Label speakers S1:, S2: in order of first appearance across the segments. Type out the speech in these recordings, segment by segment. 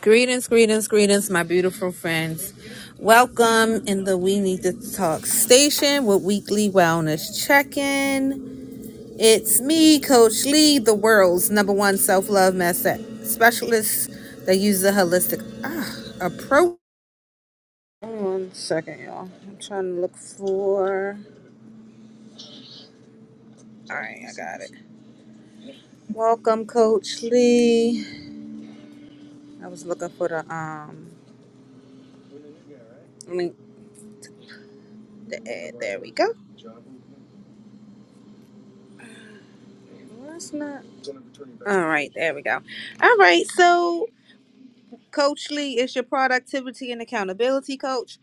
S1: Greetings, greetings, greetings, my beautiful friends. Welcome in the We Need to Talk station with weekly wellness check in. It's me, Coach Lee, the world's number one self love method specialist that uses a holistic ah, approach. One second, y'all. I'm trying to look for. All right, I got it. Welcome, Coach Lee. I was looking for the um link to add. There we go. Well, that's not. All right, there we go. All right, so Coach Lee is your productivity and accountability coach.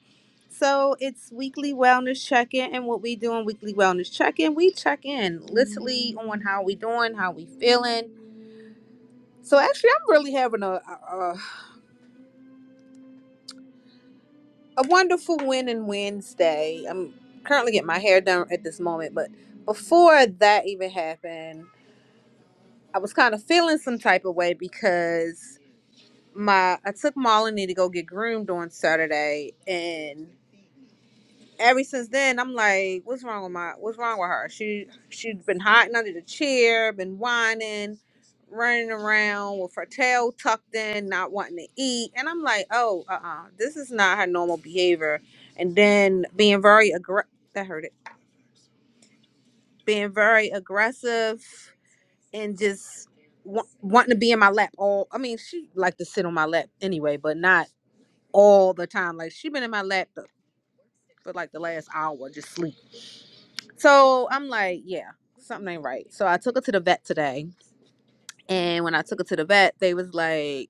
S1: So it's weekly wellness check in, and what we do in weekly wellness check in, we check in literally on how we doing, how we feeling. So actually, I'm really having a a, a wonderful win and Wednesday. I'm currently getting my hair done at this moment, but before that even happened, I was kind of feeling some type of way because my I took Molly to go get groomed on Saturday, and ever since then I'm like, what's wrong with my what's wrong with her? She she's been hiding under the chair, been whining, running around with her tail tucked in, not wanting to eat, and I'm like, oh, uh, uh this is not her normal behavior. And then being very aggr that hurt it, being very aggressive and just. wa- Wanting to be in my lap all I mean she liked to sit on my lap anyway but not all the time. Like she been in my lap the, for like the last hour, just sleep. So I'm like, yeah, something ain't right. So I took her to the vet today, and when I took her to the vet, they was like,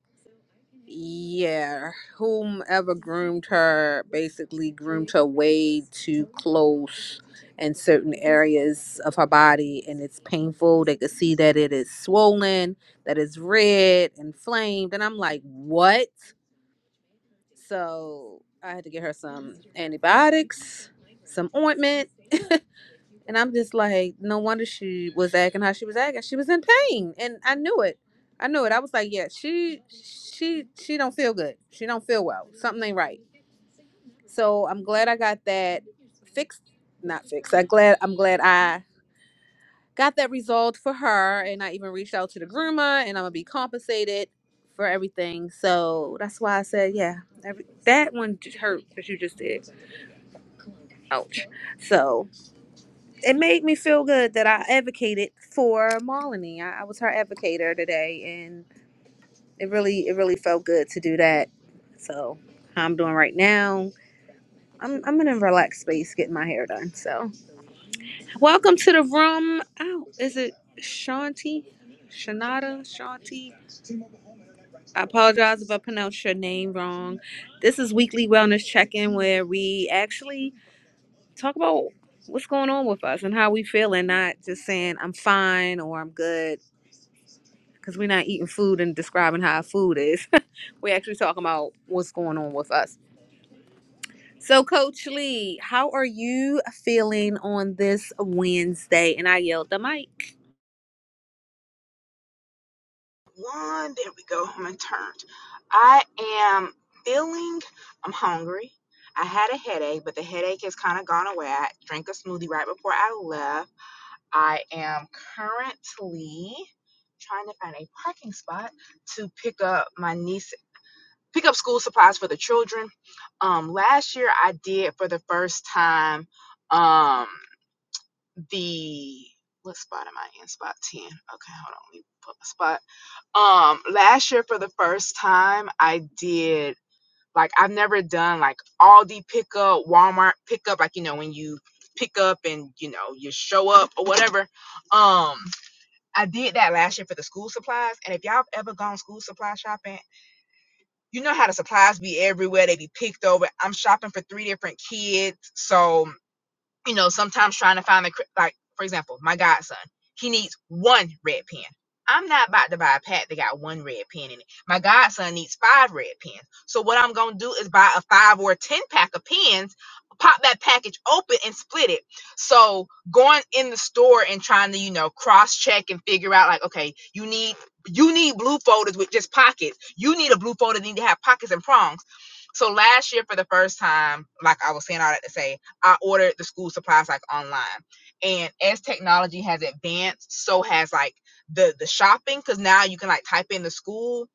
S1: yeah, whomever groomed her basically groomed her way too close in certain areas of her body, and it's painful. They could see that it is swollen, that it's red, inflamed, and I'm like, what? So I had to get her some antibiotics, some ointment. and I'm just like, no wonder she was acting how she was acting. She was in pain. And I knew it. I knew it. I was like, yeah, she she she don't feel good. She don't feel well. Something ain't right. So I'm glad I got that fixed. Not fixed. I glad I'm glad I got that resolved for her and I even reached out to the groomer and I'm gonna be compensated for everything. So that's why I said, yeah, every, that one j- hurt that you just did. Ouch. So it made me feel good that I advocated for Marlene. I, I was her advocator today and it really it really felt good to do that. So how I'm doing right now. I'm I'm in a relaxed space getting my hair done. So welcome to the room. Oh, is it Shanti? Shanada? Shanti? I apologize if I pronounced your name wrong. This is Weekly Wellness Check In, where we actually talk about what's going on with us and how we feel, and not just saying I'm fine or I'm good because we're not eating food and describing how food is. we're actually talking about what's going on with us. So, Coach Lee, how are you feeling on this Wednesday? And I yelled the mic.
S2: One, there we go. I'm in turned. I am feeling I'm hungry. I had a headache, but the headache has kind of gone away. I drank a smoothie right before I left. I am currently trying to find a parking spot to pick up my niece pick up school supplies for the children. Um last year I did for the first time um the what spot am I in? Spot 10. Okay, hold on. Let me put my spot. Um, last year for the first time, I did like I've never done like Aldi pickup, Walmart pickup, like you know when you pick up and you know you show up or whatever. Um, I did that last year for the school supplies, and if y'all have ever gone school supply shopping, you know how the supplies be everywhere, they be picked over. I'm shopping for three different kids, so you know, sometimes trying to find the like, for example, my godson, he needs one red pen. I'm not about to buy a pack that got one red pen in it. My godson needs five red pens. So what I'm gonna do is buy a five or a ten pack of pens, pop that package open and split it. So going in the store and trying to, you know, cross check and figure out like, okay, you need you need blue folders with just pockets. You need a blue folder that need to have pockets and prongs. So last year for the first time, like I was saying all that to say, I ordered the school supplies like online. And as technology has advanced, so has like the the shopping cuz now you can like type in the school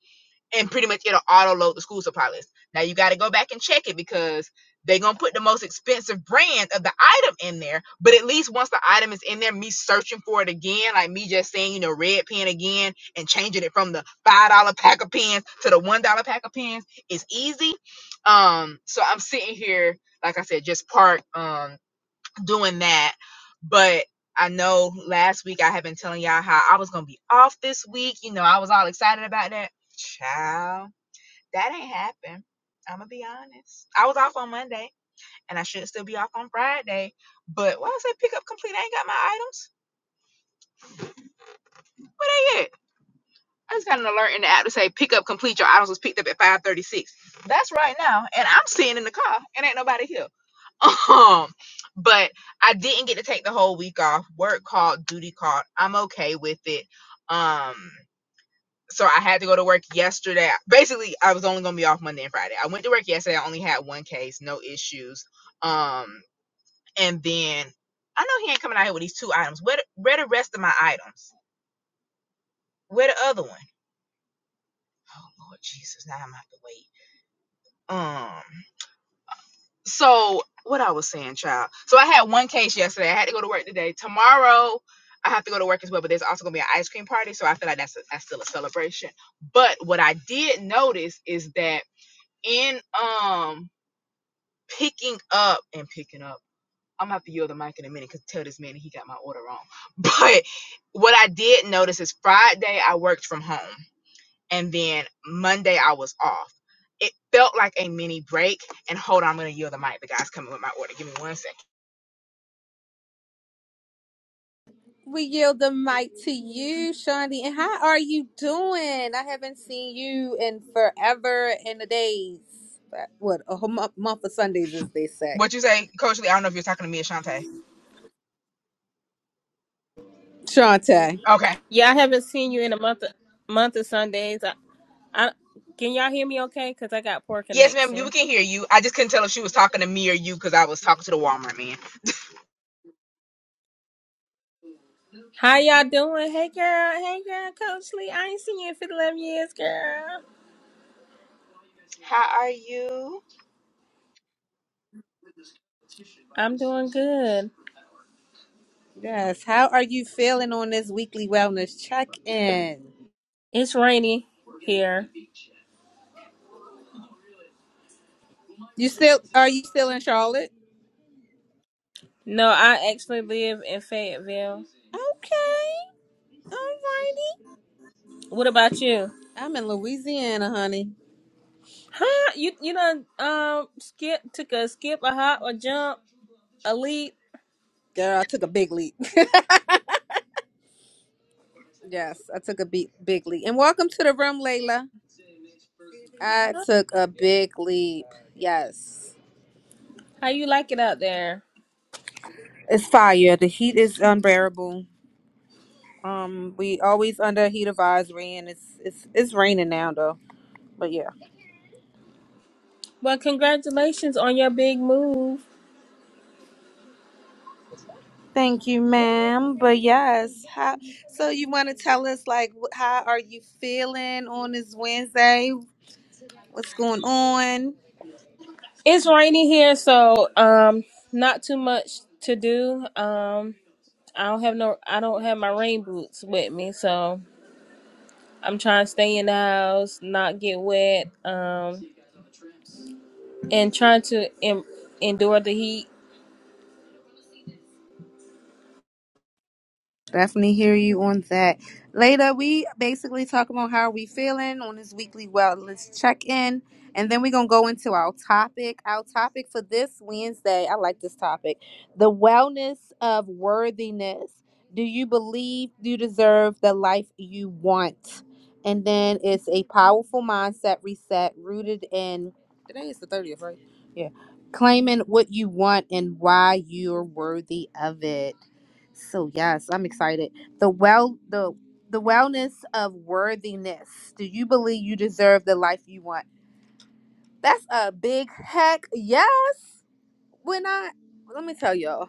S2: and pretty much it'll auto load the school supply list. Now you got to go back and check it because they're gonna put the most expensive brand of the item in there. But at least once the item is in there, me searching for it again, like me just saying, you know, red pen again and changing it from the five dollar pack of pens to the one dollar pack of pens is easy. Um, so I'm sitting here, like I said, just part. Um, doing that. But I know last week I had been telling y'all how I was gonna be off this week. You know, I was all excited about that. Child, that ain't happen. I'm gonna be honest. I was off on Monday, and I should still be off on Friday. But why I say pick up complete? I ain't got my items. Where they at? I just got an alert in the app to say pick up complete. Your items was picked up at 5:36. That's right now, and I'm sitting in the car, and ain't nobody here. Um, but I didn't get to take the whole week off. Work called, duty called. I'm okay with it. Um, so I had to go to work yesterday. Basically, I was only gonna be off Monday and Friday. I went to work yesterday. I only had one case, no issues. Um, and then I know he ain't coming out here with these two items. Where the, where the rest of my items? Where the other one? Oh Lord Jesus! Now I'm gonna have to wait. Um. So what I was saying, child. So I had one case yesterday. I had to go to work today. Tomorrow I have to go to work as well, but there's also gonna be an ice cream party, so I feel like that's a, that's still a celebration. But what I did notice is that in um picking up and picking up, I'm gonna have to yield the mic in a minute because tell this man he got my order wrong. But what I did notice is Friday I worked from home, and then Monday I was off. It felt like a mini break. And hold on, I'm gonna yield the mic. The guy's coming with my order. Give me one second.
S1: We yield the mic to you, Shawty. And how are you doing? I haven't seen you in forever in the days. But What a whole month, month of Sundays, as they say.
S2: What you say, Coach Lee? I don't know if you're talking to me or Shantae.
S1: Shante,
S2: Okay.
S3: Yeah, I haven't seen you in a month month of Sundays. I, I can y'all hear me okay? Cause I got poor
S2: Yes, ma'am. We
S3: connection.
S2: can hear you. I just couldn't tell if she was talking to me or you because I was talking to the Walmart man.
S3: How y'all doing? Hey girl, hey girl, Coach Lee. I ain't seen you in 11 years, girl.
S2: How are you?
S3: I'm doing good.
S1: yes. How are you feeling on this weekly wellness check in?
S3: It's rainy here.
S1: You still are you still in Charlotte?
S3: No, I actually live in Fayetteville.
S1: Okay, alrighty.
S3: What about you?
S1: I'm in Louisiana, honey.
S3: Huh? You you done um skip took a skip, a hop, a jump, a leap.
S1: Girl, I took a big leap. yes, I took a big big leap. And welcome to the room, Layla. I took a big leap. Yes.
S3: How you like it out there?
S1: It's fire. The heat is unbearable. Um we always under heat advisory and it's it's it's raining now though. But yeah.
S3: Well, congratulations on your big move.
S1: Thank you, ma'am. But yes, how so you want to tell us like wh- how are you feeling on this Wednesday? What's going on?
S3: It's rainy here, so um, not too much to do. Um, I don't have no, I don't have my rain boots with me, so I'm trying to stay in the house, not get wet, um, and trying to em- endure the heat.
S1: Definitely hear you on that. Later, we basically talk about how we feeling on this weekly wellness check in, and then we're gonna go into our topic. Our topic for this Wednesday, I like this topic: the wellness of worthiness. Do you believe you deserve the life you want? And then it's a powerful mindset reset rooted in. Today is the thirtieth, right? Yeah, claiming what you want and why you're worthy of it. So yes, I'm excited. The well the the wellness of worthiness. Do you believe you deserve the life you want? That's a big heck yes. When I let me tell y'all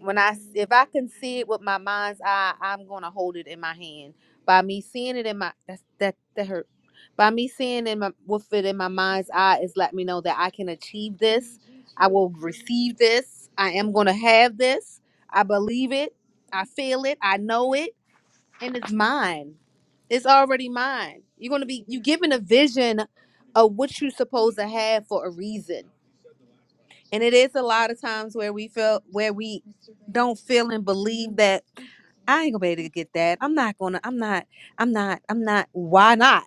S1: when I s- if I can see it with my mind's eye, I'm gonna hold it in my hand. By me seeing it in my that's that that hurt. By me seeing in my with it in my mind's eye is let me know that I can achieve this. I will receive this. I am gonna have this. I believe it. I feel it. I know it, and it's mine. It's already mine. You're gonna be you given a vision of what you're supposed to have for a reason and it is a lot of times where we feel where we don't feel and believe that I ain't gonna be able to get that. I'm not gonna. I'm not. I'm not. I'm not. Why not?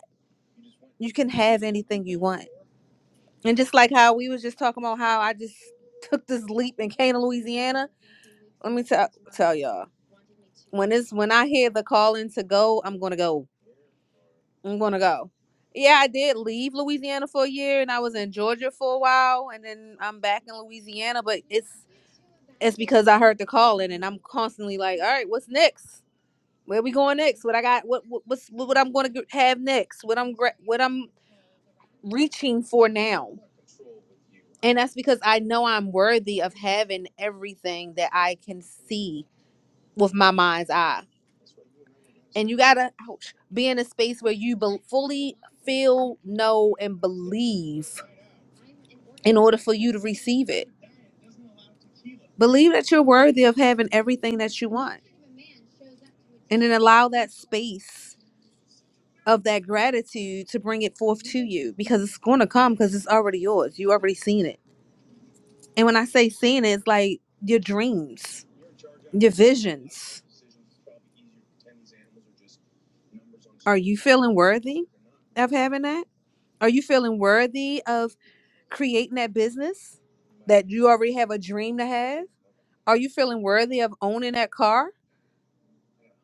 S1: You can have anything you want. And just like how we was just talking about how I just took this leap and came to Louisiana. Let me tell tell y'all when it's when I hear the calling to go, I'm gonna go. I'm gonna go. Yeah, I did leave Louisiana for a year, and I was in Georgia for a while, and then I'm back in Louisiana. But it's it's because I heard the calling and I'm constantly like, all right, what's next? Where we going next? What I got? What, what what's what, I'm going to have next? What I'm gra- what I'm reaching for now? And that's because I know I'm worthy of having everything that I can see with my mind's eye. And you gotta ouch, be in a space where you bel fully feel, know, and believe in order for you to receive it. Believe that you're worthy of having everything that you want, and then allow that space of that gratitude to bring it forth to you because it's going to come because it's already yours. You already seen it. And when I say seen it, it's like your dreams, your visions. Are you feeling worthy of having that? Are you feeling worthy of creating that business that you already have a dream to have? Are you feeling worthy of owning that car,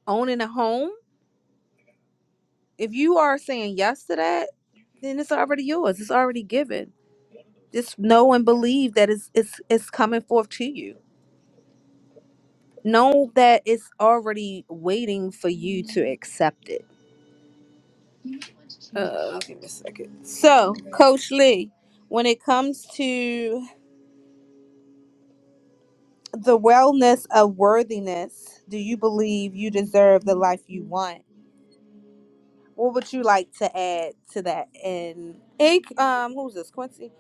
S1: owning a home? If you are saying yes to that, then it's already yours. It's already given Just know and believe that it's it's it's coming forth to you. Know that it's already waiting for you to accept it. Uh, so, Coach Lee, when it comes to the wellness of worthiness, do you believe you deserve the life you want? What would you like to add to that? And hey, um, who's this? Quincy.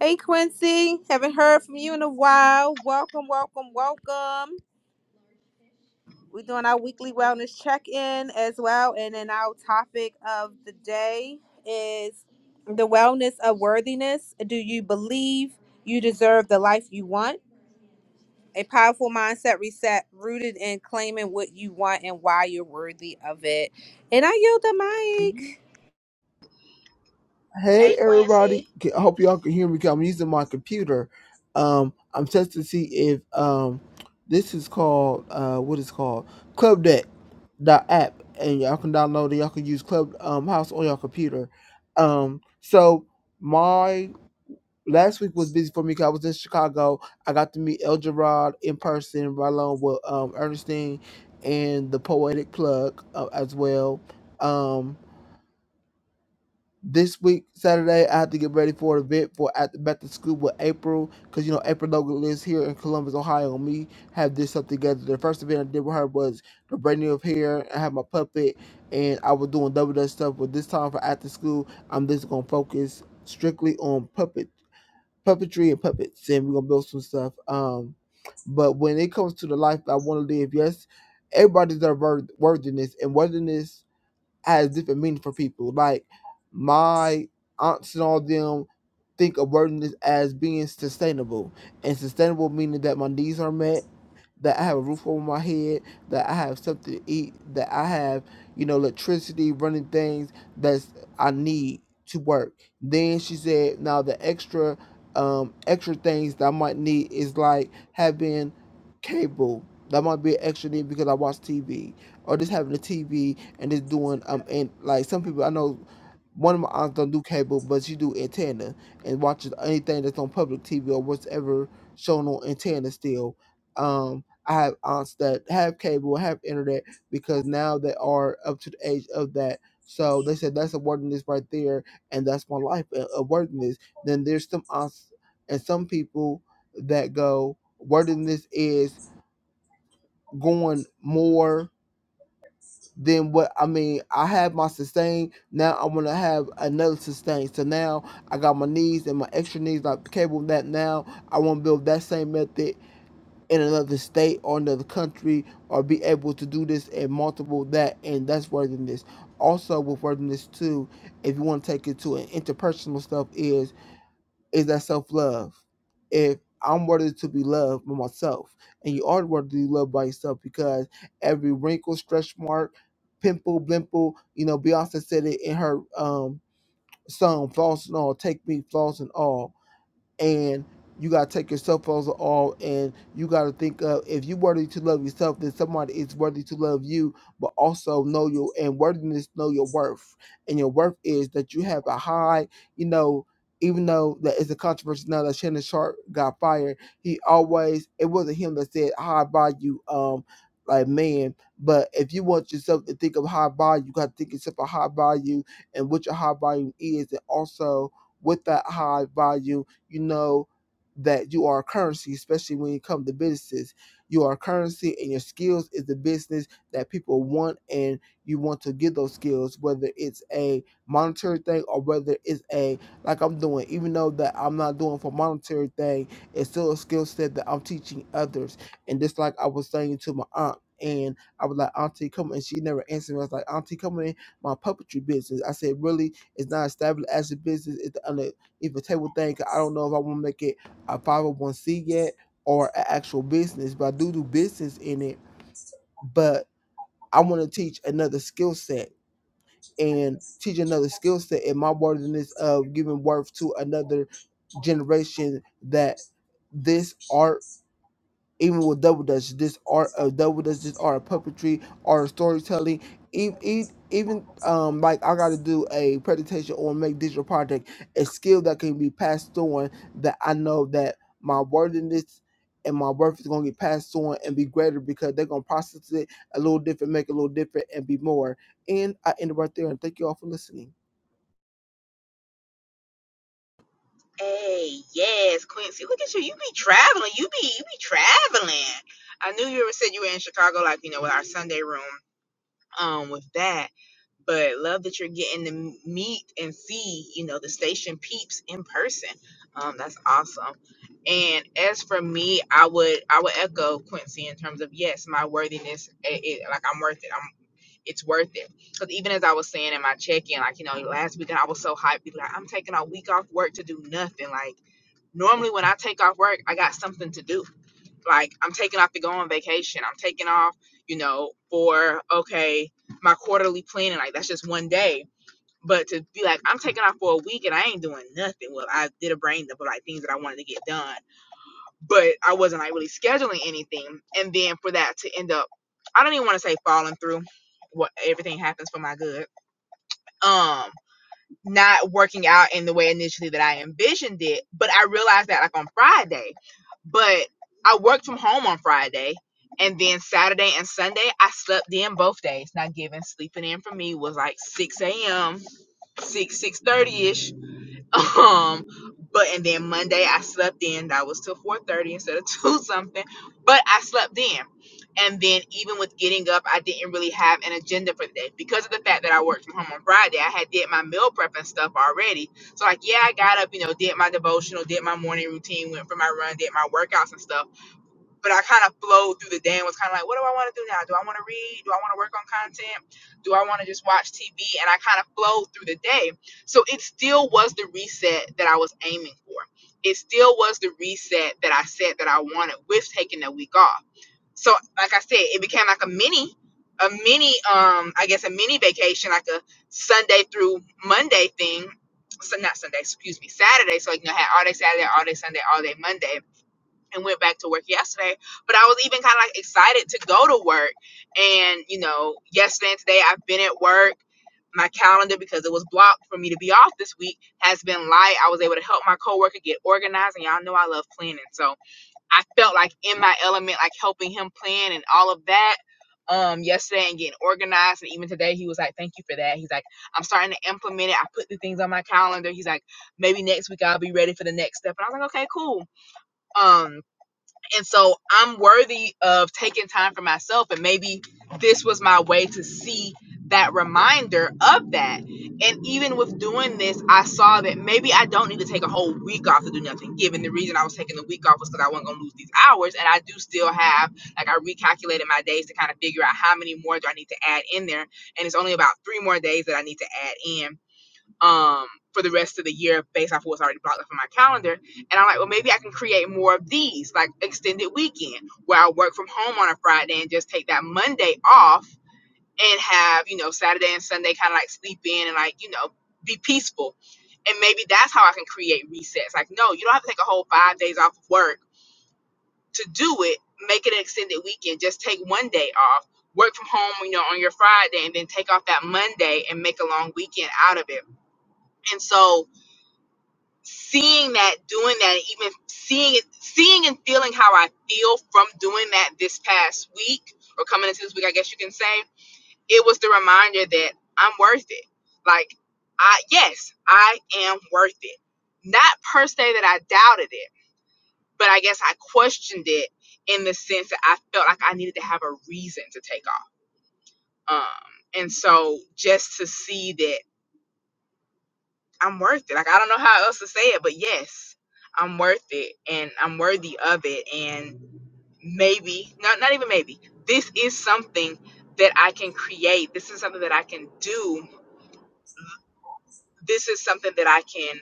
S1: Hey, Quincy. Haven't heard from you in a while. Welcome, welcome, welcome. We're doing our weekly wellness check in as well. And then our topic of the day is the wellness of worthiness. Do you believe you deserve the life you want? A powerful mindset reset rooted in claiming what you want and why you're worthy of it. And I yield the mic.
S4: Hey
S2: Hey, Quincy.
S4: everybody! Can- I hope y'all can hear me. 'cause I'm using my computer. Um, I'm testing to see if um, this is called uh, what is called Club Deck dot app, and y'all can download it. Y'all can use Club um, House on your computer. Um, so my last week was busy for me because I was in Chicago. I got to meet El Gerard in person, right along with um, Ernestine and the Poetic Plug uh, as well. Um, this week, Saturday, I have to get ready for an event for at the back to school with April, because you know April Logan lives here in Columbus, Ohio. And me have did something together. The first event I did with her was the branding of hair. I had my puppet, and I was doing double dutch stuff. But this time for after school, I'm just gonna focus strictly on puppet puppetry and puppets, and we're gonna build some stuff. Um, but when it comes to the life I want to live, yes, everybody's their worth- worthiness and worthiness has different meaning for people. Like my aunts and all them think of wordiness as being sustainable, and sustainable meaning that my needs are met that I have a roof over my head, that I have something to eat, that I have, you know, electricity running things that's I need to work. Then she said, now the extra um extra things that I might need is like having cable. That might be an extra need because I watch TV. Or just having a TV and just doing um and like some people I know one of my aunts don't do cable, but she do antenna and watches anything that's on public TV or whatever shown on antenna still. Um I have aunts that have cable, have internet, because now they are up to the age of that. So they said that's a worthiness right there, and that's my life, a, a wordiness. Then there's some aunts and some people that go, worthiness is going more than what I mean. I have my sustain, now I want to have another sustain. So now I got my knees and my extra knees, like cable that now. I want to build that same method in another state or another country or be able to do this and multiple that and that's worthiness also with worthiness too if you want to take it to an interpersonal stuff is is that self-love if i'm worthy to be loved by myself and you are worthy to be loved by yourself because every wrinkle stretch mark pimple blimple you know beyonce said it in her um song flaws and all take me flaws and all and you gotta take your cell phones off and you gotta think of if you're worthy to love yourself then somebody is worthy to love you but also know your and worthiness know your worth and your worth is that you have a high you know even though that it's a controversy now that Shannon Sharp got fired, he always it wasn't him that said high value um like man, but if you want yourself to think of high value, you gotta think yourself a high value and what your high value is and also with that high value you know that you are a currency, especially when you come to businesses. You are a currency, and your skills is the business that people want, and you want to give those skills, whether it's a monetary thing or whether it's a like I'm doing. Even though that I'm not doing for monetary thing, it's still a skill set that I'm teaching others. And just like I was saying to my aunt. And I was like, Auntie, come and she never answered me. I was like, Auntie, come in my puppetry business. I said, really, it's not established as a business. It's under if a table thing, I don't know if I want to make it a five hundred one c yet or an actual business, but I do do business in it. But I want to teach another skill set and teach another skill set and my worthiness of giving worth to another generation that this art even with double dutch this art of double dutch this art of puppetry art of storytelling even, even um like i gotta do a presentation or make digital project a skill that can be passed on that i know that my worthiness and my worth is gonna get passed on and be greater because they're gonna process it a little different, make it a little different, and be more. And I end it right there. And thank you all for listening.
S2: Hey, yes, Quincy. Look at you. You be traveling. You be you be traveling. I knew you were said you were in Chicago, like you know, with our Sunday room. um, with that. But love that you're getting to meet and see, you know, the station peeps in person. Um, that's awesome. And as for me, I would I would echo Quincy in terms of yes, my worthiness. It, it, like I'm worth it. I'm it's worth it. Because even as I was saying in my check in, like you know, last weekend I was so hyped. People like I'm taking a week off work to do nothing. Like normally when I take off work, I got something to do like I'm taking off to go on vacation. I'm taking off, you know, for okay, my quarterly planning, like that's just one day. But to be like, I'm taking off for a week and I ain't doing nothing. Well, I did a brain dump of like things that I wanted to get done, but I wasn't like really scheduling anything. And then for that to end up, I don't even want to say falling through. What everything happens for my good. Um, not working out in the way initially that I envisioned it. But I realized that like on Friday. But I worked from home on Friday. And then Saturday and Sunday, I slept in both days. Not giving sleeping in for me was like 6 a.m., 6, 6:30ish um, but and then Monday I slept in. That was till four thirty instead of two something. But I slept in. And then even with getting up, I didn't really have an agenda for the day because of the fact that I worked from home on Friday. I had did my meal prep and stuff already. So like, yeah, I got up, you know, did my devotional, did my morning routine, went for my run, did my workouts and stuff but I kind of flowed through the day and was kind of like, what do I want to do now? Do I want to read? Do I want to work on content? Do I want to just watch TV? And I kind of flowed through the day. So it still was the reset that I was aiming for. It still was the reset that I said that I wanted with taking that week off. So like I said, it became like a mini, a mini, um, I guess a mini vacation, like a Sunday through Monday thing. So not Sunday, excuse me, Saturday. So like, you know, I had all day Saturday, all day Sunday, all day Monday and went back to work yesterday. But I was even kind of like excited to go to work. And, you know, yesterday and today I've been at work. My calendar, because it was blocked for me to be off this week, has been light. I was able to help my coworker get organized, and y'all know I love planning. So I felt like in my element, like helping him plan and all of that um yesterday and getting organized and even today he was like thank you for that he's like i'm starting to implement it i put the things on my calendar he's like maybe next week i'll be ready for the next step and i was like okay cool um and so I'm worthy of taking time for myself. And maybe this was my way to see that reminder of that. And even with doing this, I saw that maybe I don't need to take a whole week off to do nothing, given the reason I was taking the week off was because I wasn't going to lose these hours. And I do still have, like, I recalculated my days to kind of figure out how many more do I need to add in there. And it's only about three more days that I need to add in um for the rest of the year based off what's already blocked up on my calendar. And I'm like, well, maybe I can create more of these, like extended weekend where I work from home on a Friday and just take that Monday off and have, you know, Saturday and Sunday kind of like sleep in and like, you know, be peaceful. And maybe that's how I can create resets. Like, no, you don't have to take a whole five days off of work to do it. Make it an extended weekend. Just take one day off, work from home, you know, on your Friday, and then take off that Monday and make a long weekend out of it. And so seeing that, doing that, and even seeing it, seeing and feeling how I feel from doing that this past week or coming into this week, I guess you can say, it was the reminder that I'm worth it. Like, I, yes, I am worth it. Not per se that I doubted it, but I guess I questioned it in the sense that I felt like I needed to have a reason to take off. Um, and so just to see that I'm worth it. Like I don't know how else to say it, but yes, I'm worth it and I'm worthy of it. And maybe, not not even maybe, this is something that I can create. This is something that I can do. This is something that I can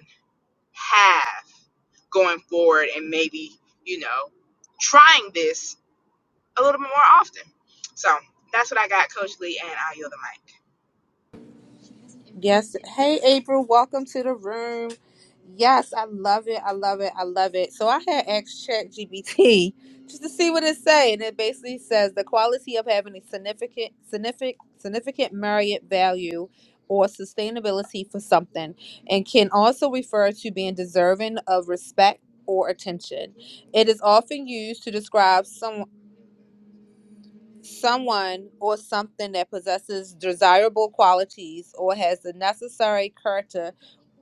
S2: have going forward and maybe, you know, trying this a little bit more often. So that's what I got, Coach Lee, and I yield the mic.
S1: Yes. Hey, April, welcome to the room. Yes, I love it. I love it. I love it. So I had asked ChatGPT just to see what it say, and it basically says the quality of having a significant, significant, significant merit value or sustainability for something, and can also refer to being deserving of respect or attention. It is often used to describe some someone or something that possesses desirable qualities or has the necessary character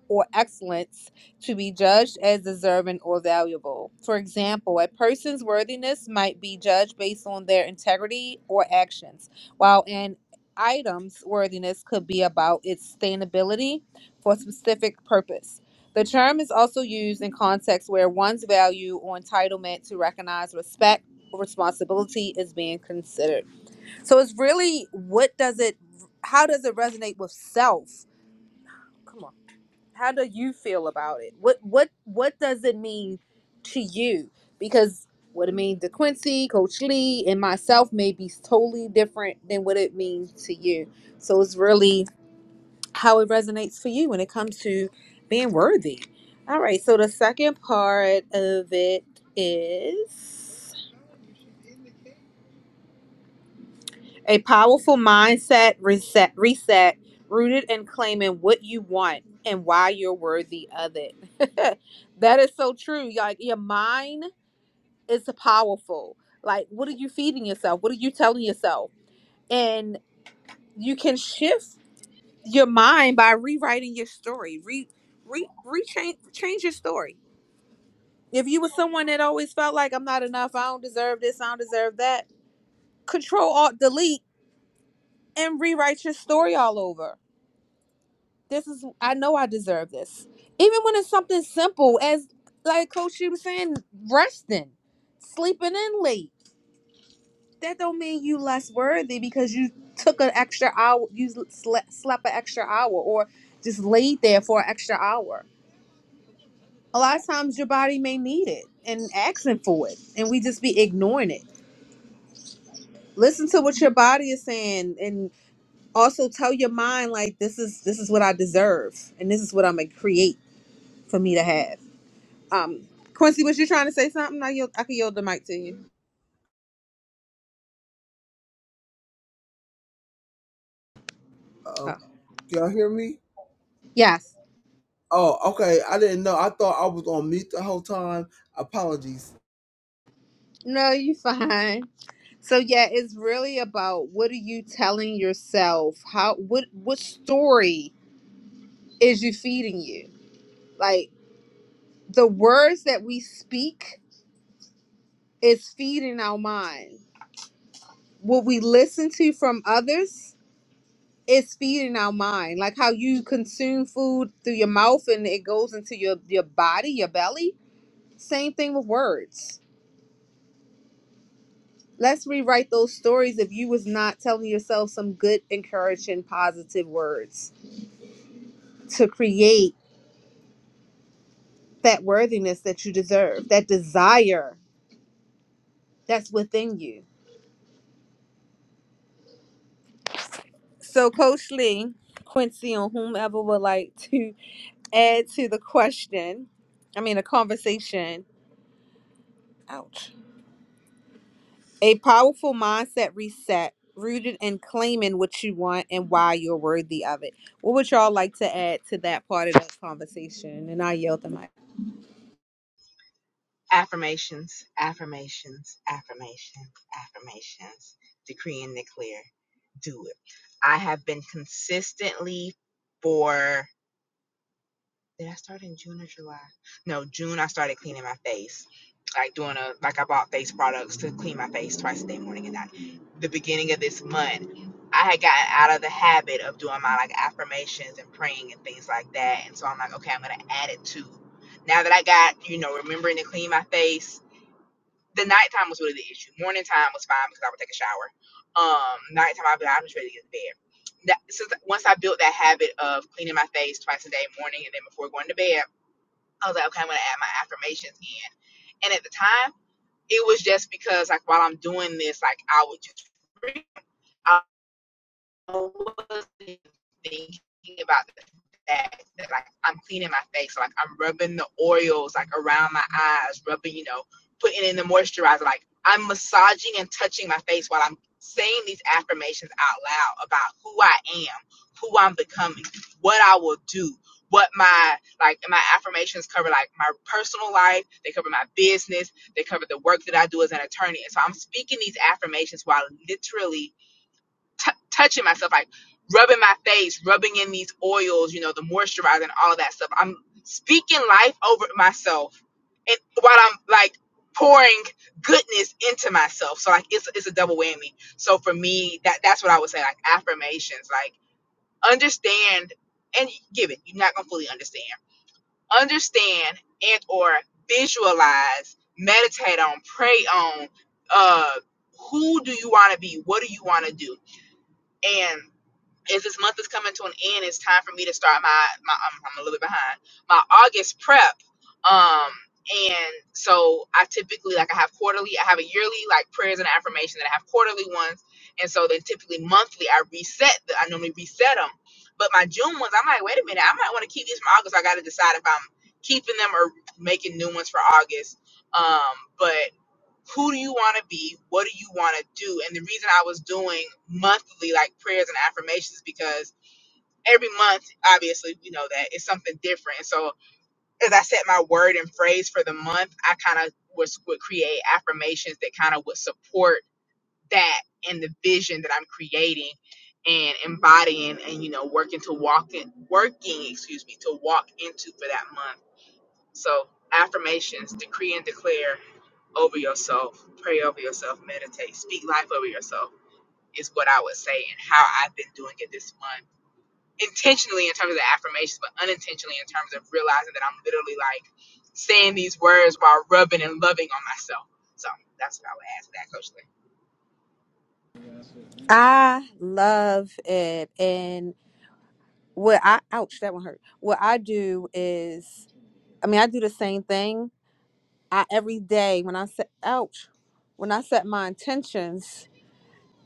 S1: or excellence to be judged as deserving or valuable. For example, a person's worthiness might be judged based on their integrity or actions, while an item's worthiness could be about its sustainability for a specific purpose. The term is also used in contexts where one's value or entitlement to recognize respect or responsibility is being considered. So it's really what does it how does it resonate with self? Come on how do you feel about it? What what what does it mean to you? Because what it means to Quincy, Coach Lee, and myself may be totally different than what it means to you. So it's really how it resonates for you when it comes to being worthy. All right. So the second part of it is. A powerful mindset reset, reset, rooted in claiming what you want and why you're worthy of it. that is so true. Like your mind is powerful. Like, what are you feeding yourself? What are you telling yourself? And you can shift your mind by rewriting your story. Re, re, rechange, change your story. If you were someone that always felt like I'm not enough, I don't deserve this, I don't deserve that, control, alt, delete, and rewrite your story all over this is I know I deserve this. Even when it's something simple as like coach she was saying, resting, sleeping in late. That don't mean you less worthy because you took an extra hour, you slept, slept an extra hour or just laid there for an extra hour. A lot of times your body may need it and asking for it and we just be ignoring it. Listen to what your body is saying and also tell your mind like this is this is what I deserve and this is what I'm gonna create for me to have Um, Quincy, was you trying to say something? I yield, I can yield the mic to you.
S4: Uh-oh.
S1: Oh.
S4: Can y'all hear me?
S1: Yes.
S4: Oh, okay. I didn't know. I thought I was on mute the whole time. Apologies.
S1: No, you fine. So yeah, it's really about what are you telling yourself? How what what story is you feeding you? Like the words that we speak is feeding our mind. What we listen to from others is feeding our mind. Like how you consume food through your mouth and it goes into your your body, your belly. Same thing with words Let's rewrite those stories if you was not telling yourself some good, encouraging, positive words to create that worthiness that you deserve, that desire that's within you. So, Coach Lee, Quincy, or whomever would like to add to the question, I mean, a conversation. Ouch. A powerful mindset reset rooted in claiming what you want and why you're worthy of it. What would y'all like to add to that part of the conversation? And I yelled at my.
S2: Affirmations, affirmations, affirmations, affirmations. Decree and declare. Do it. I have been consistently for did I start in June or July? No, June I started cleaning my face. Like doing a like I bought face products to clean my face twice a day, morning and night. The beginning of this month, I had gotten out of the habit of doing my like affirmations and praying and things like that. And so I'm like, okay, I'm gonna add it to now that I got, you know, remembering to clean my face the nighttime was really the issue. Morning time was fine because I would take a shower. Um, nighttime, I'd am just ready to get to bed. That, since once I built that habit of cleaning my face twice a day, morning and then before going to bed, I was like, okay, I'm gonna add my affirmations in. And at the time, it was just because like while I'm doing this, like I would just. read wasn't thinking about the fact that like I'm cleaning my face, So, like I'm rubbing the oils like around my eyes, rubbing, you know, putting in the moisturizer, like I'm massaging and touching my face while I'm saying these affirmations out loud about who I am, who I'm becoming, what I will do, what my like my affirmations cover like my personal life, they cover my business, they cover the work that I do as an attorney. And so I'm speaking these affirmations while literally t- touching myself, like rubbing my face, rubbing in these oils, you know, the moisturizer and all of that stuff. I'm speaking life over myself, and while I'm like pouring goodness into myself. So like it's it's a double whammy. So for me, that that's what I would say, like affirmations, like understand and give it. You're not gonna fully understand. Understand and or visualize, meditate on, pray on. Uh, who do you want to be? What do you want to do? And as this month is coming to an end, it's time for me to start my my I'm, I'm a little bit behind my August prep. Um, and so I typically like I have quarterly, I have a yearly like prayers and affirmation, and I have quarterly ones, and so then typically monthly I reset. The, I normally reset them, but my June ones I'm like, wait a minute, I might want to keep these from August. I got to decide if I'm keeping them or making new ones for August. Um, but who do you want to be? What do you want to do? And the reason I was doing monthly like prayers and affirmations because every month, obviously, we know that it's something different. And so as I set my word and phrase for the month, I kind of was would create affirmations that kind of would support that and the vision that I'm creating and embodying and you know working to walk in working excuse me to walk into for that month so affirmations decree and declare over yourself, pray over yourself, meditate, speak life over yourself is what I would say and how I've been doing it this month. Intentionally in terms of affirmations, but unintentionally in terms of realizing that I'm literally like saying these words while rubbing and loving on myself. So that's what I would add to that, Coach
S1: I love it. And what I, ouch, that one hurt. What I do is, I mean, I do the same thing. I every day when I set, ouch, when I set my intentions,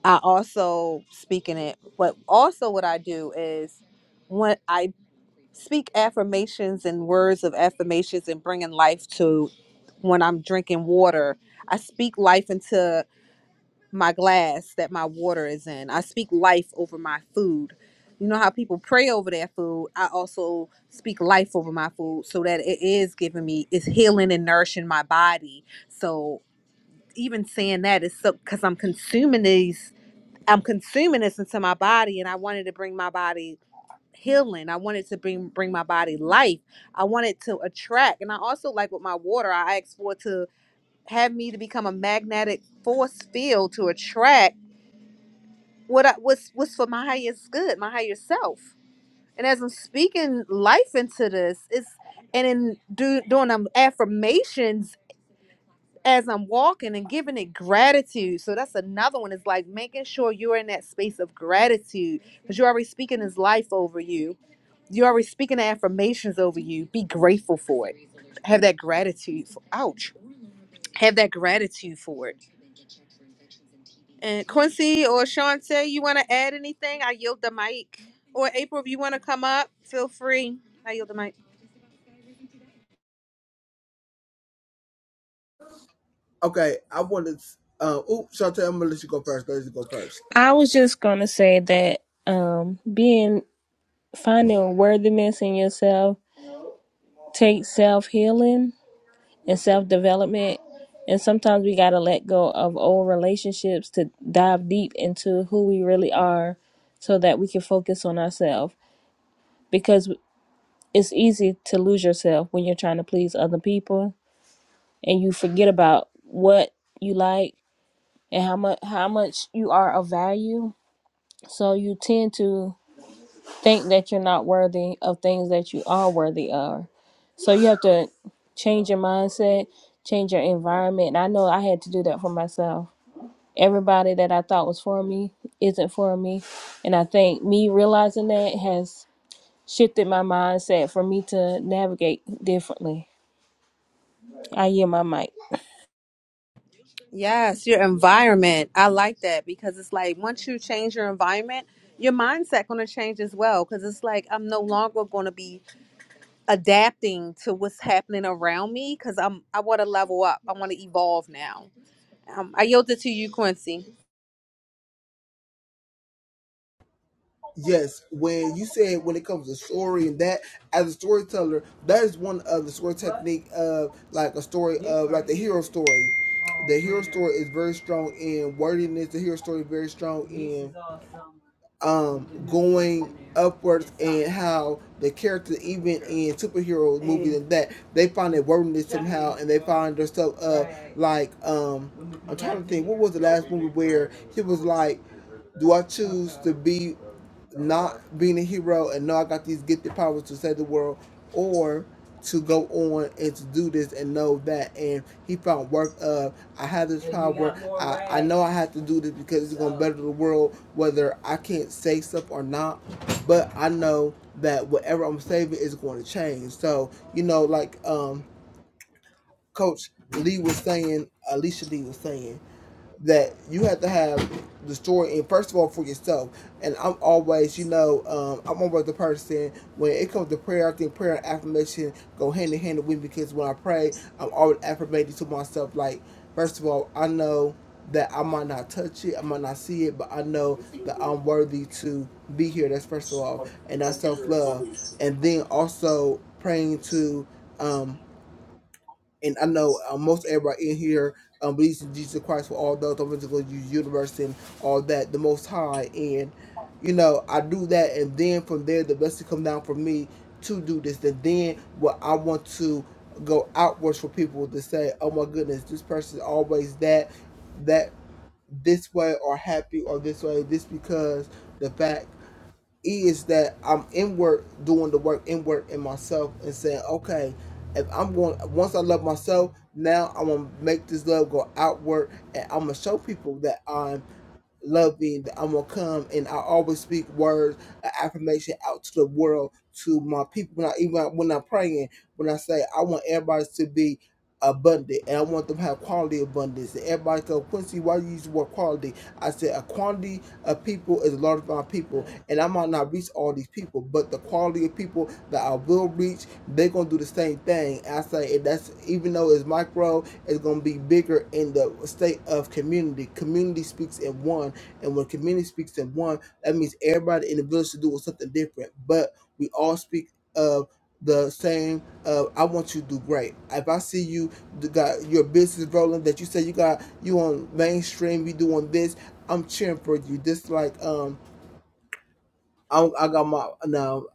S1: I also speak in it. But also, what I do is when I speak affirmations and words of affirmations and bringing life to when I'm drinking water, I speak life into my glass that my water is in. I speak life over my food. You know how people pray over their food? I also speak life over my food so that it is giving me, it's healing and nourishing my body. So even saying that is so, because I'm consuming these, I'm consuming this into my body and I wanted to bring my body healing. I wanted to bring, bring my body life. I wanted to attract. And I also like with my water, I asked for it to have me to become a magnetic force field to attract what I, what's what's for my highest good, my higher self. And as I'm speaking life into this, it's and in do, doing um, affirmations as I'm walking and giving it gratitude. So that's another one. It's like making sure you're in that space of gratitude because you're already speaking His life over you. You're already speaking the affirmations over you. Be grateful for it. Have that gratitude. For, ouch. Have that gratitude for it And Quincy or Shantae, you want to add anything? I yield the mic. Or April, if you want to come up, feel free. I yield the mic.
S4: Okay, I wanted. Uh, oops, Chantel, I'm gonna let you go first. Let you go first.
S3: I was just gonna say that um, being finding worthiness in yourself takes self healing and self development. And sometimes we got to let go of old relationships to dive deep into who we really are so that we can focus on ourselves. Because it's easy to lose yourself when you're trying to please other people and you forget about what you like and how much how much you are of value. So you tend to think that you're not worthy of things that you are worthy of. So you have to change your mindset, change your environment. And I know I had to do that for myself everybody that I thought was for me isn't for me. And I think me realizing that has shifted my mindset for me to navigate differently. I hear my mic.
S1: Yes, your environment. I like that because it's like once you change your environment, your mindset going to change as well because it's like I'm no longer going to be adapting to what's happening around me because I'm I want to level up. I want to evolve now. Um, I yield it to you, Quincy.
S4: Yes, when you said when it comes to story and that as a storyteller, that is one of the story technique of like a story of like the hero story. The hero story is very strong in wordiness. The hero story is very strong in um going upwards and how the character even in superhero movies and that they find their wordiness somehow and they find their stuff uh like um I'm trying to think what was the last movie where he was like do I choose to be not being a hero and know I got these gifted powers to save the world, or to go on and to do this and know that. And he found work of I have this power. I, I know I have to do this because it's gonna better the world, whether I can't say stuff or not. But I know that whatever I'm saving is going to change. So you know, like um, Coach Lee was saying, Alicia Lee was saying that you have to have the story in first of all for yourself. And I'm always, you know, um, I'm always the person when it comes to prayer. I think prayer and affirmation go hand in hand with me because when I pray, I'm always affirmating to myself like, first of all, I know that I might not touch it, I might not see it, but I know that I'm worthy to be here. That's first of all, and that's self love. And then also praying to um, and I know uh, most everybody in here um, believes in Jesus Christ for all those I'm universe and all that, the Most High, and you know I do that, and then from there the blessing come down for me to do this, and then what I want to go outwards for people to say, oh my goodness, this person is always that, that this way or happy or this way, this because the fact E is that I'm in work, doing the work in work in myself, and saying, okay, if I'm going, once I love myself, now I'm gonna make this love go outward, and I'm gonna show people that I'm loving that I'm gonna come and I always speak words of affirmation out to the world to my people when I even when I'm praying when I say I want everybody to be abundant and I want them to have quality abundance and everybody goes Quincy why do you use the word quality I said a quantity of people is a lot of my people and I might not reach all these people but the quality of people that I will reach they're gonna do the same thing And I say and that's even though it's micro it's gonna be bigger in the state of community community speaks in one and when community speaks in one, that means everybody in the village to do with something different. But we all speak of the same. Uh, I want you to do great. If I see you d- got your business rolling, that you say you got you on mainstream, you doing this, I'm cheering for you. Just like um, I, I got my now.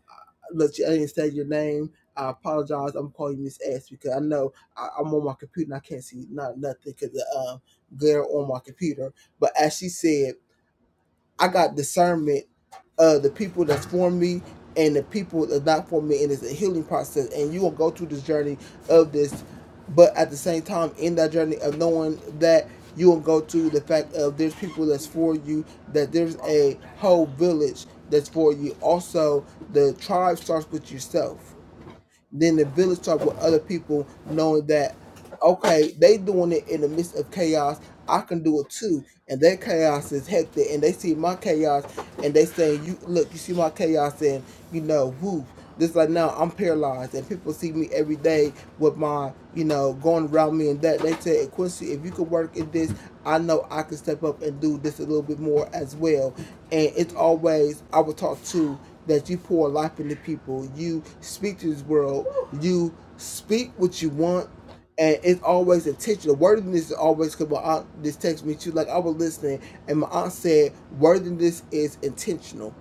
S4: Look, I didn't say your name. I apologize. I'm calling you Miss S because I know I, I'm on my computer and I can't see not nothing because the um glare on my computer. But as she said. I got discernment of the people that's for me and the people that's not for me, and it's a healing process. And you will go through this journey of this, but at the same time, in that journey of knowing that you will go to the fact of there's people that's for you, that there's a whole village that's for you. Also, the tribe starts with yourself then the village talk with other people, knowing that okay, they doing it in the midst of chaos. I can do it too, and their chaos is hectic, and they see my chaos, and they saying, "You look, you see my chaos, and you know, woo." This like now I'm paralyzed, and people see me every day with my, you know, going around me and that. They say, "Hey, Quincy, if you could work in this, I know I can step up and do this a little bit more as well. And it's always I was taught to that you pour life into people. You speak to this world. You speak what you want, and it's always intentional. Worthiness is always because my aunt just texted me too. Like I was listening, and my aunt said, worthiness is intentional.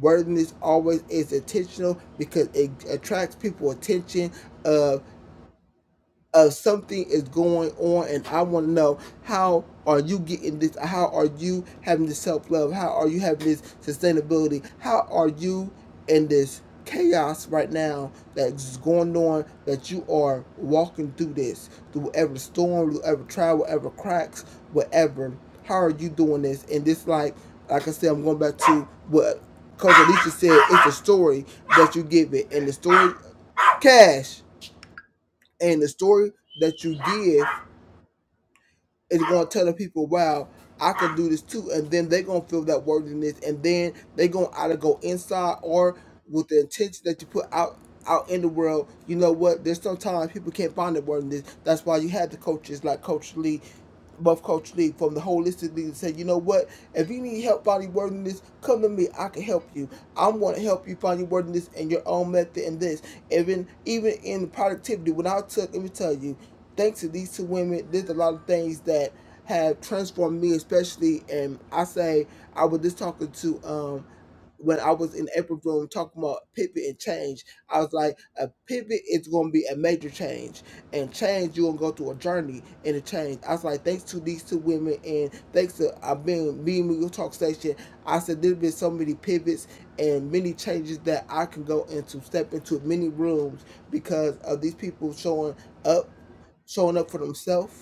S4: Worthiness always is intentional because it attracts people attention. Uh, of something is going on and I want to know how are you getting this how are you having this self-love how are you having this sustainability how are you in this chaos right now that's going on that you are walking through this through whatever storm whatever trial whatever cracks whatever how are you doing this and this like like I said I'm going back to what Coach Alicia said it's a story that you give it and the story cash and the story that you give is going to tell the people, wow, I can do this too. And then they're going to feel that worthiness. And then they're going to either go inside or with the intention that you put out out in the world, you know what? There's sometimes people can't find their worthiness. That's why you had the coaches like Coach Lee Buff Culture League from the holistic league and say, you know what? If you need help finding worthiness, come to me. I can help you. I want to help you find your worthiness and your own method and this. Even even in productivity, when I took, let me tell you, thanks to these two women, there's a lot of things that have transformed me, especially. And I say I was just talking to um when I was in April room talking about pivot and change, I was like, a pivot is going to be a major change, and change you're going to go through a journey in a change. I was like, thanks to these two women, and thanks to I being me and Miguel Talk Station, I said there's been so many pivots and many changes that I can go into, step into many rooms because of these people showing up, showing up for themselves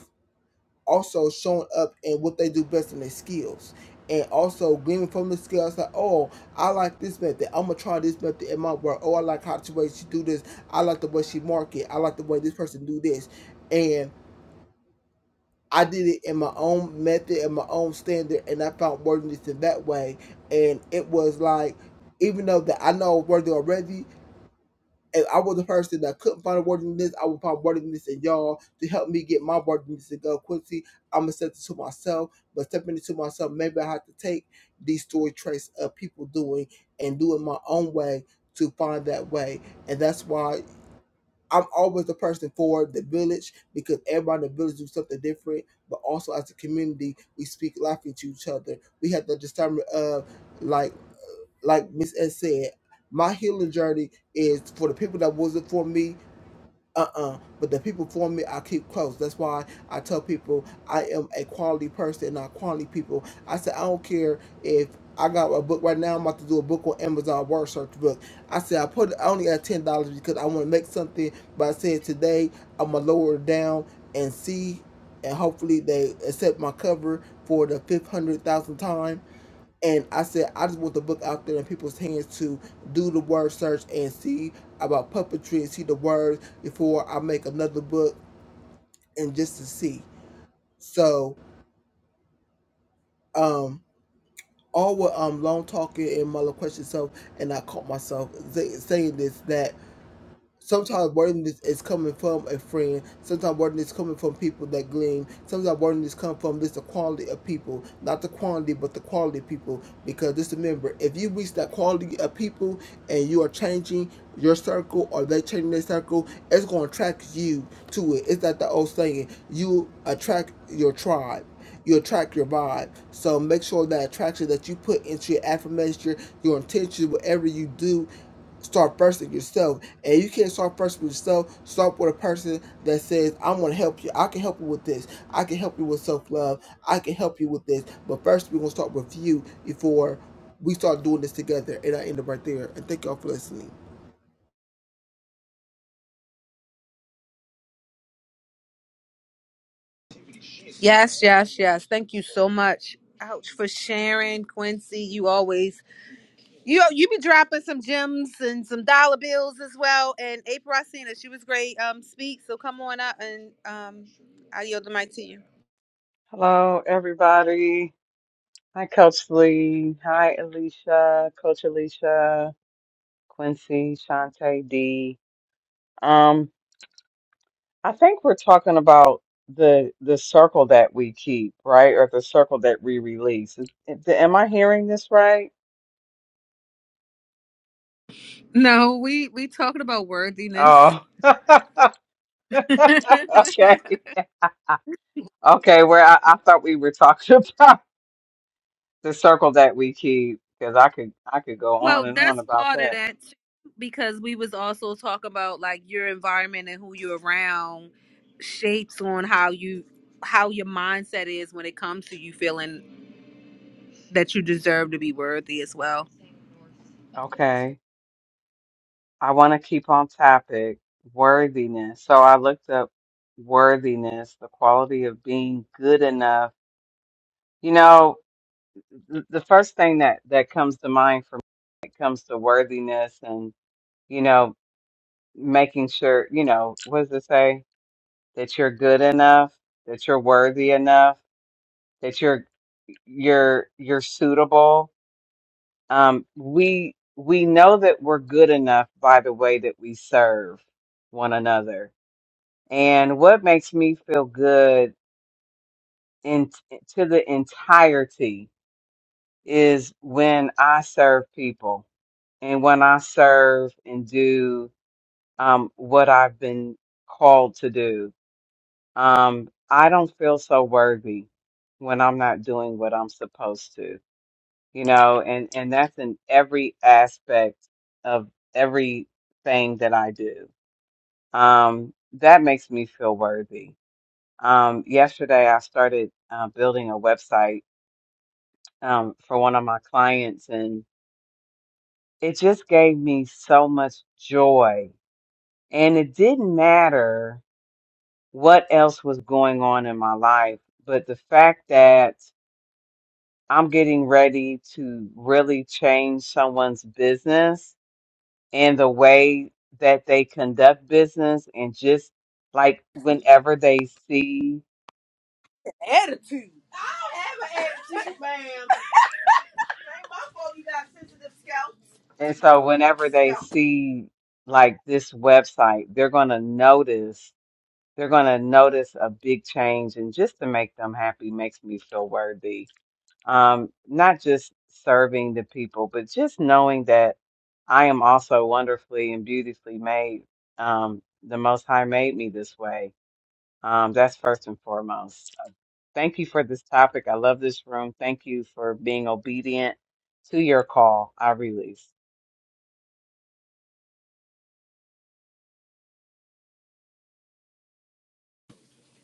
S4: also showing up in what they do best in their skills. And also gleaning from the skills like, oh, I like this method. I'm gonna try this method in my work. Oh, I like how the way she do this. I like the way she market. I like the way this person do this. And I did it in my own method and my own standard, and I found worthiness in that way. And it was like, even though that I know I'm worthy already, if I was the person that couldn't find a wording list, I would find wording list in y'all to help me get my wording list to go Quincy, I'm accepting to myself, but stepping into myself, maybe I have to take these story traits of people doing and do it my own way to find that way. And that's why I'm always the person for the village because everybody in the village do something different. But also as a community, we speak life into each other. We have the discernment of like like Miss S said, my healing journey is for the people that wasn't for me. Uh uh but the people for me, I keep close. That's why I tell people I am a quality person, not quality people. I said I don't care if I got a book right now. I'm about to do a book on Amazon word search book. I said I put I only got ten dollars because I want to make something. But I said today I'm gonna lower it down and see, and hopefully they accept my cover for the fifth hundred thousand time and I said, I just want the book out there in people's hands to do the word search and see about puppetry and see the words before I make another book and just to see. So, um, all what I'm um long talking and mother questions. So, and I caught myself saying this that sometimes worthiness is coming from a friend. Sometimes worthiness is coming from people that glean. Sometimes worthiness come from just the quality of people, not the quantity, but the quality of people. Because just remember, if you reach that quality of people and you are changing your circle or they changing their circle, it's gonna attract you to it. It's like the old saying, you attract your tribe you attract your vibe. So make sure that attraction that you put into your affirmation, your, intention, whatever you do, start first with yourself. And you can't start first with yourself. Start with a person that says, I'm gonna help you. I can help you with this. I can help you with self love. I can help you with this. But first we're gonna start with you before we start doing this together. And I end up right there. And thank y'all for listening.
S1: Yes, yes, yes. Thank you so much. Ouch for sharing, Quincy. You always You you be dropping some gems and some dollar bills as well. And April, I seen her. She was great. Um, speak. So come on up and um, I yield the mic to you.
S5: Hello, everybody. Hi, Coach Lee. Hi, Alicia, Coach Alicia, Quincy, Shantae D. Um, I think we're talking about the the circle that we keep, right? Or the circle that we release. Is- Am I hearing this right?
S1: No, we we talking about worthiness.
S5: Oh, okay. Okay, where I, I thought we were talking about the circle that we keep, because I could I could go on
S1: well,
S5: and on
S1: that's
S5: about
S1: part of
S5: that.
S1: that too, because we was also talking about like your environment and who you're around shapes on how you how your mindset is when it comes to you feeling that you deserve to be worthy as well.
S5: Okay. I want to keep on topic worthiness. So I looked up worthiness, the quality of being good enough. You know, th- the first thing that that comes to mind for me when it comes to worthiness and, you know, making sure, you know, what does it say? That you're good enough, that you're worthy enough, that you're you're you're suitable. Um, we we know that we're good enough by the way that we serve one another And what makes me feel good in to the entirety is when I serve people and when I serve and do um, what I've been called to do. Um, I don't feel so worthy when I'm not doing what I'm supposed to, you know, and, and that's in every aspect of everything that I do. Um, that makes me feel worthy Um, yesterday, I started uh, building a website um, for one of my clients, and it just gave me so much joy. And it didn't matter what else was going on in my life, but the fact that I'm getting ready to really change someone's business and the way that they conduct business, and just like whenever they see And so whenever they see like this website, they're going to notice, they're going to notice a big change. And just to make them happy makes me feel worthy. Um, not just serving the people, but just knowing that I am also wonderfully and beautifully made. Um, the Most High made me this way. Um, that's first and foremost. Uh, Thank you for this topic. I love this room. Thank you for being obedient to your call. I release.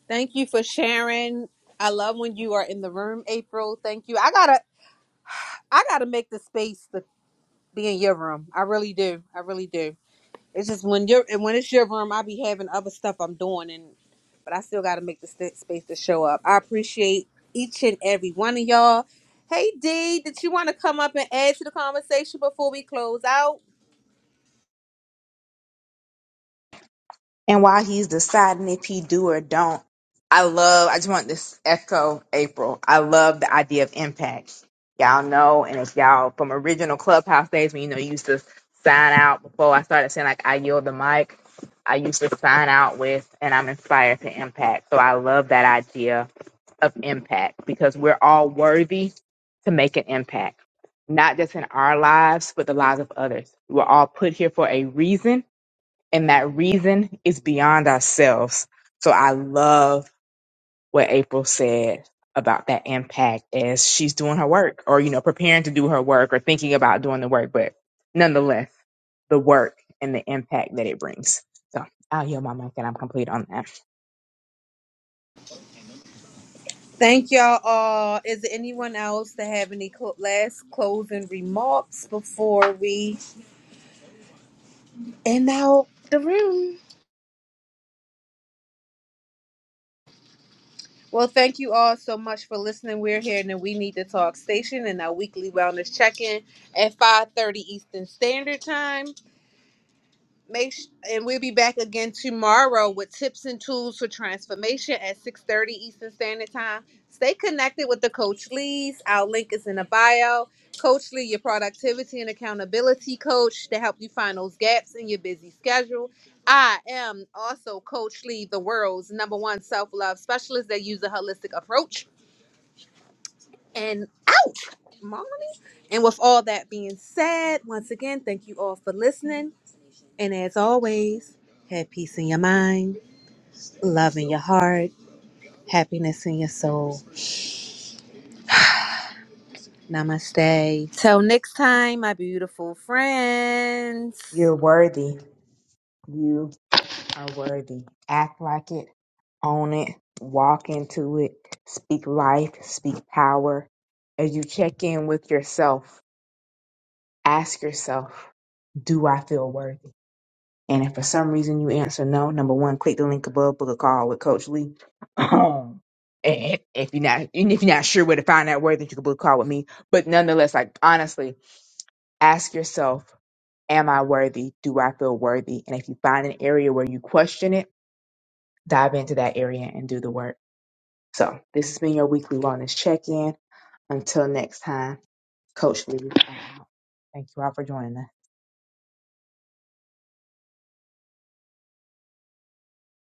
S1: Thank you for sharing. I love when you are in the room, April. Thank you. I gotta I gotta make the space to be in your room. I really do. I really do. It's just when you're and when it's your room, I be having other stuff I'm doing and but I still gotta make the st- space to show up. I appreciate each and every one of y'all. Hey D, did you wanna come up and add to the conversation before we close out?
S2: and while he's deciding if he do or don't i love i just want this echo april i love the idea of impact y'all know and if y'all from original clubhouse days when you know you used to sign out before i started saying like i yield the mic i used to sign out with and i'm inspired to impact so i love that idea of impact because we're all worthy to make an impact not just in our lives but the lives of others we're all put here for a reason and that reason is beyond ourselves. So I love what April said about that impact as she's doing her work or, you know, preparing to do her work or thinking about doing the work, but nonetheless, the work and the impact that it brings. So I'll yield my mic and I'm complete on that.
S1: Thank y'all all. Is there anyone else that have any cl- last closing remarks before we And now the room. Well, thank you all so much for listening. We're here in the We Need to Talk station and our weekly wellness check-in at 5.30 Eastern Standard Time. make sh- and we'll be back again tomorrow with tips and tools for transformation at 6.30 eastern standard time stay connected with the coach lee's our link is in the bio coach lee your productivity and accountability coach to help you find those gaps in your busy schedule i am also coach lee the world's number one self-love specialist that use a holistic approach and ouch mommy and with all that being said once again thank you all for listening and as always, have peace in your mind, love in your heart, happiness in your soul. Namaste. Till next time, my beautiful friends.
S2: You're worthy. You are worthy. Act like it, own it, walk into it, speak life, speak power. As you check in with yourself, ask yourself, do I feel worthy? And if for some reason you answer no, number one, click the link above, book a call with Coach Lee. Um, and if, if you're not, and if you're not sure where to find that word, then you can book a call with me. But nonetheless, like honestly, ask yourself, am I worthy? Do I feel worthy? And if you find an area where you question it, dive into that area and do the work. So this has been your weekly wellness check-in. Until next time, Coach Lee. I'm out. Thank you all for joining us.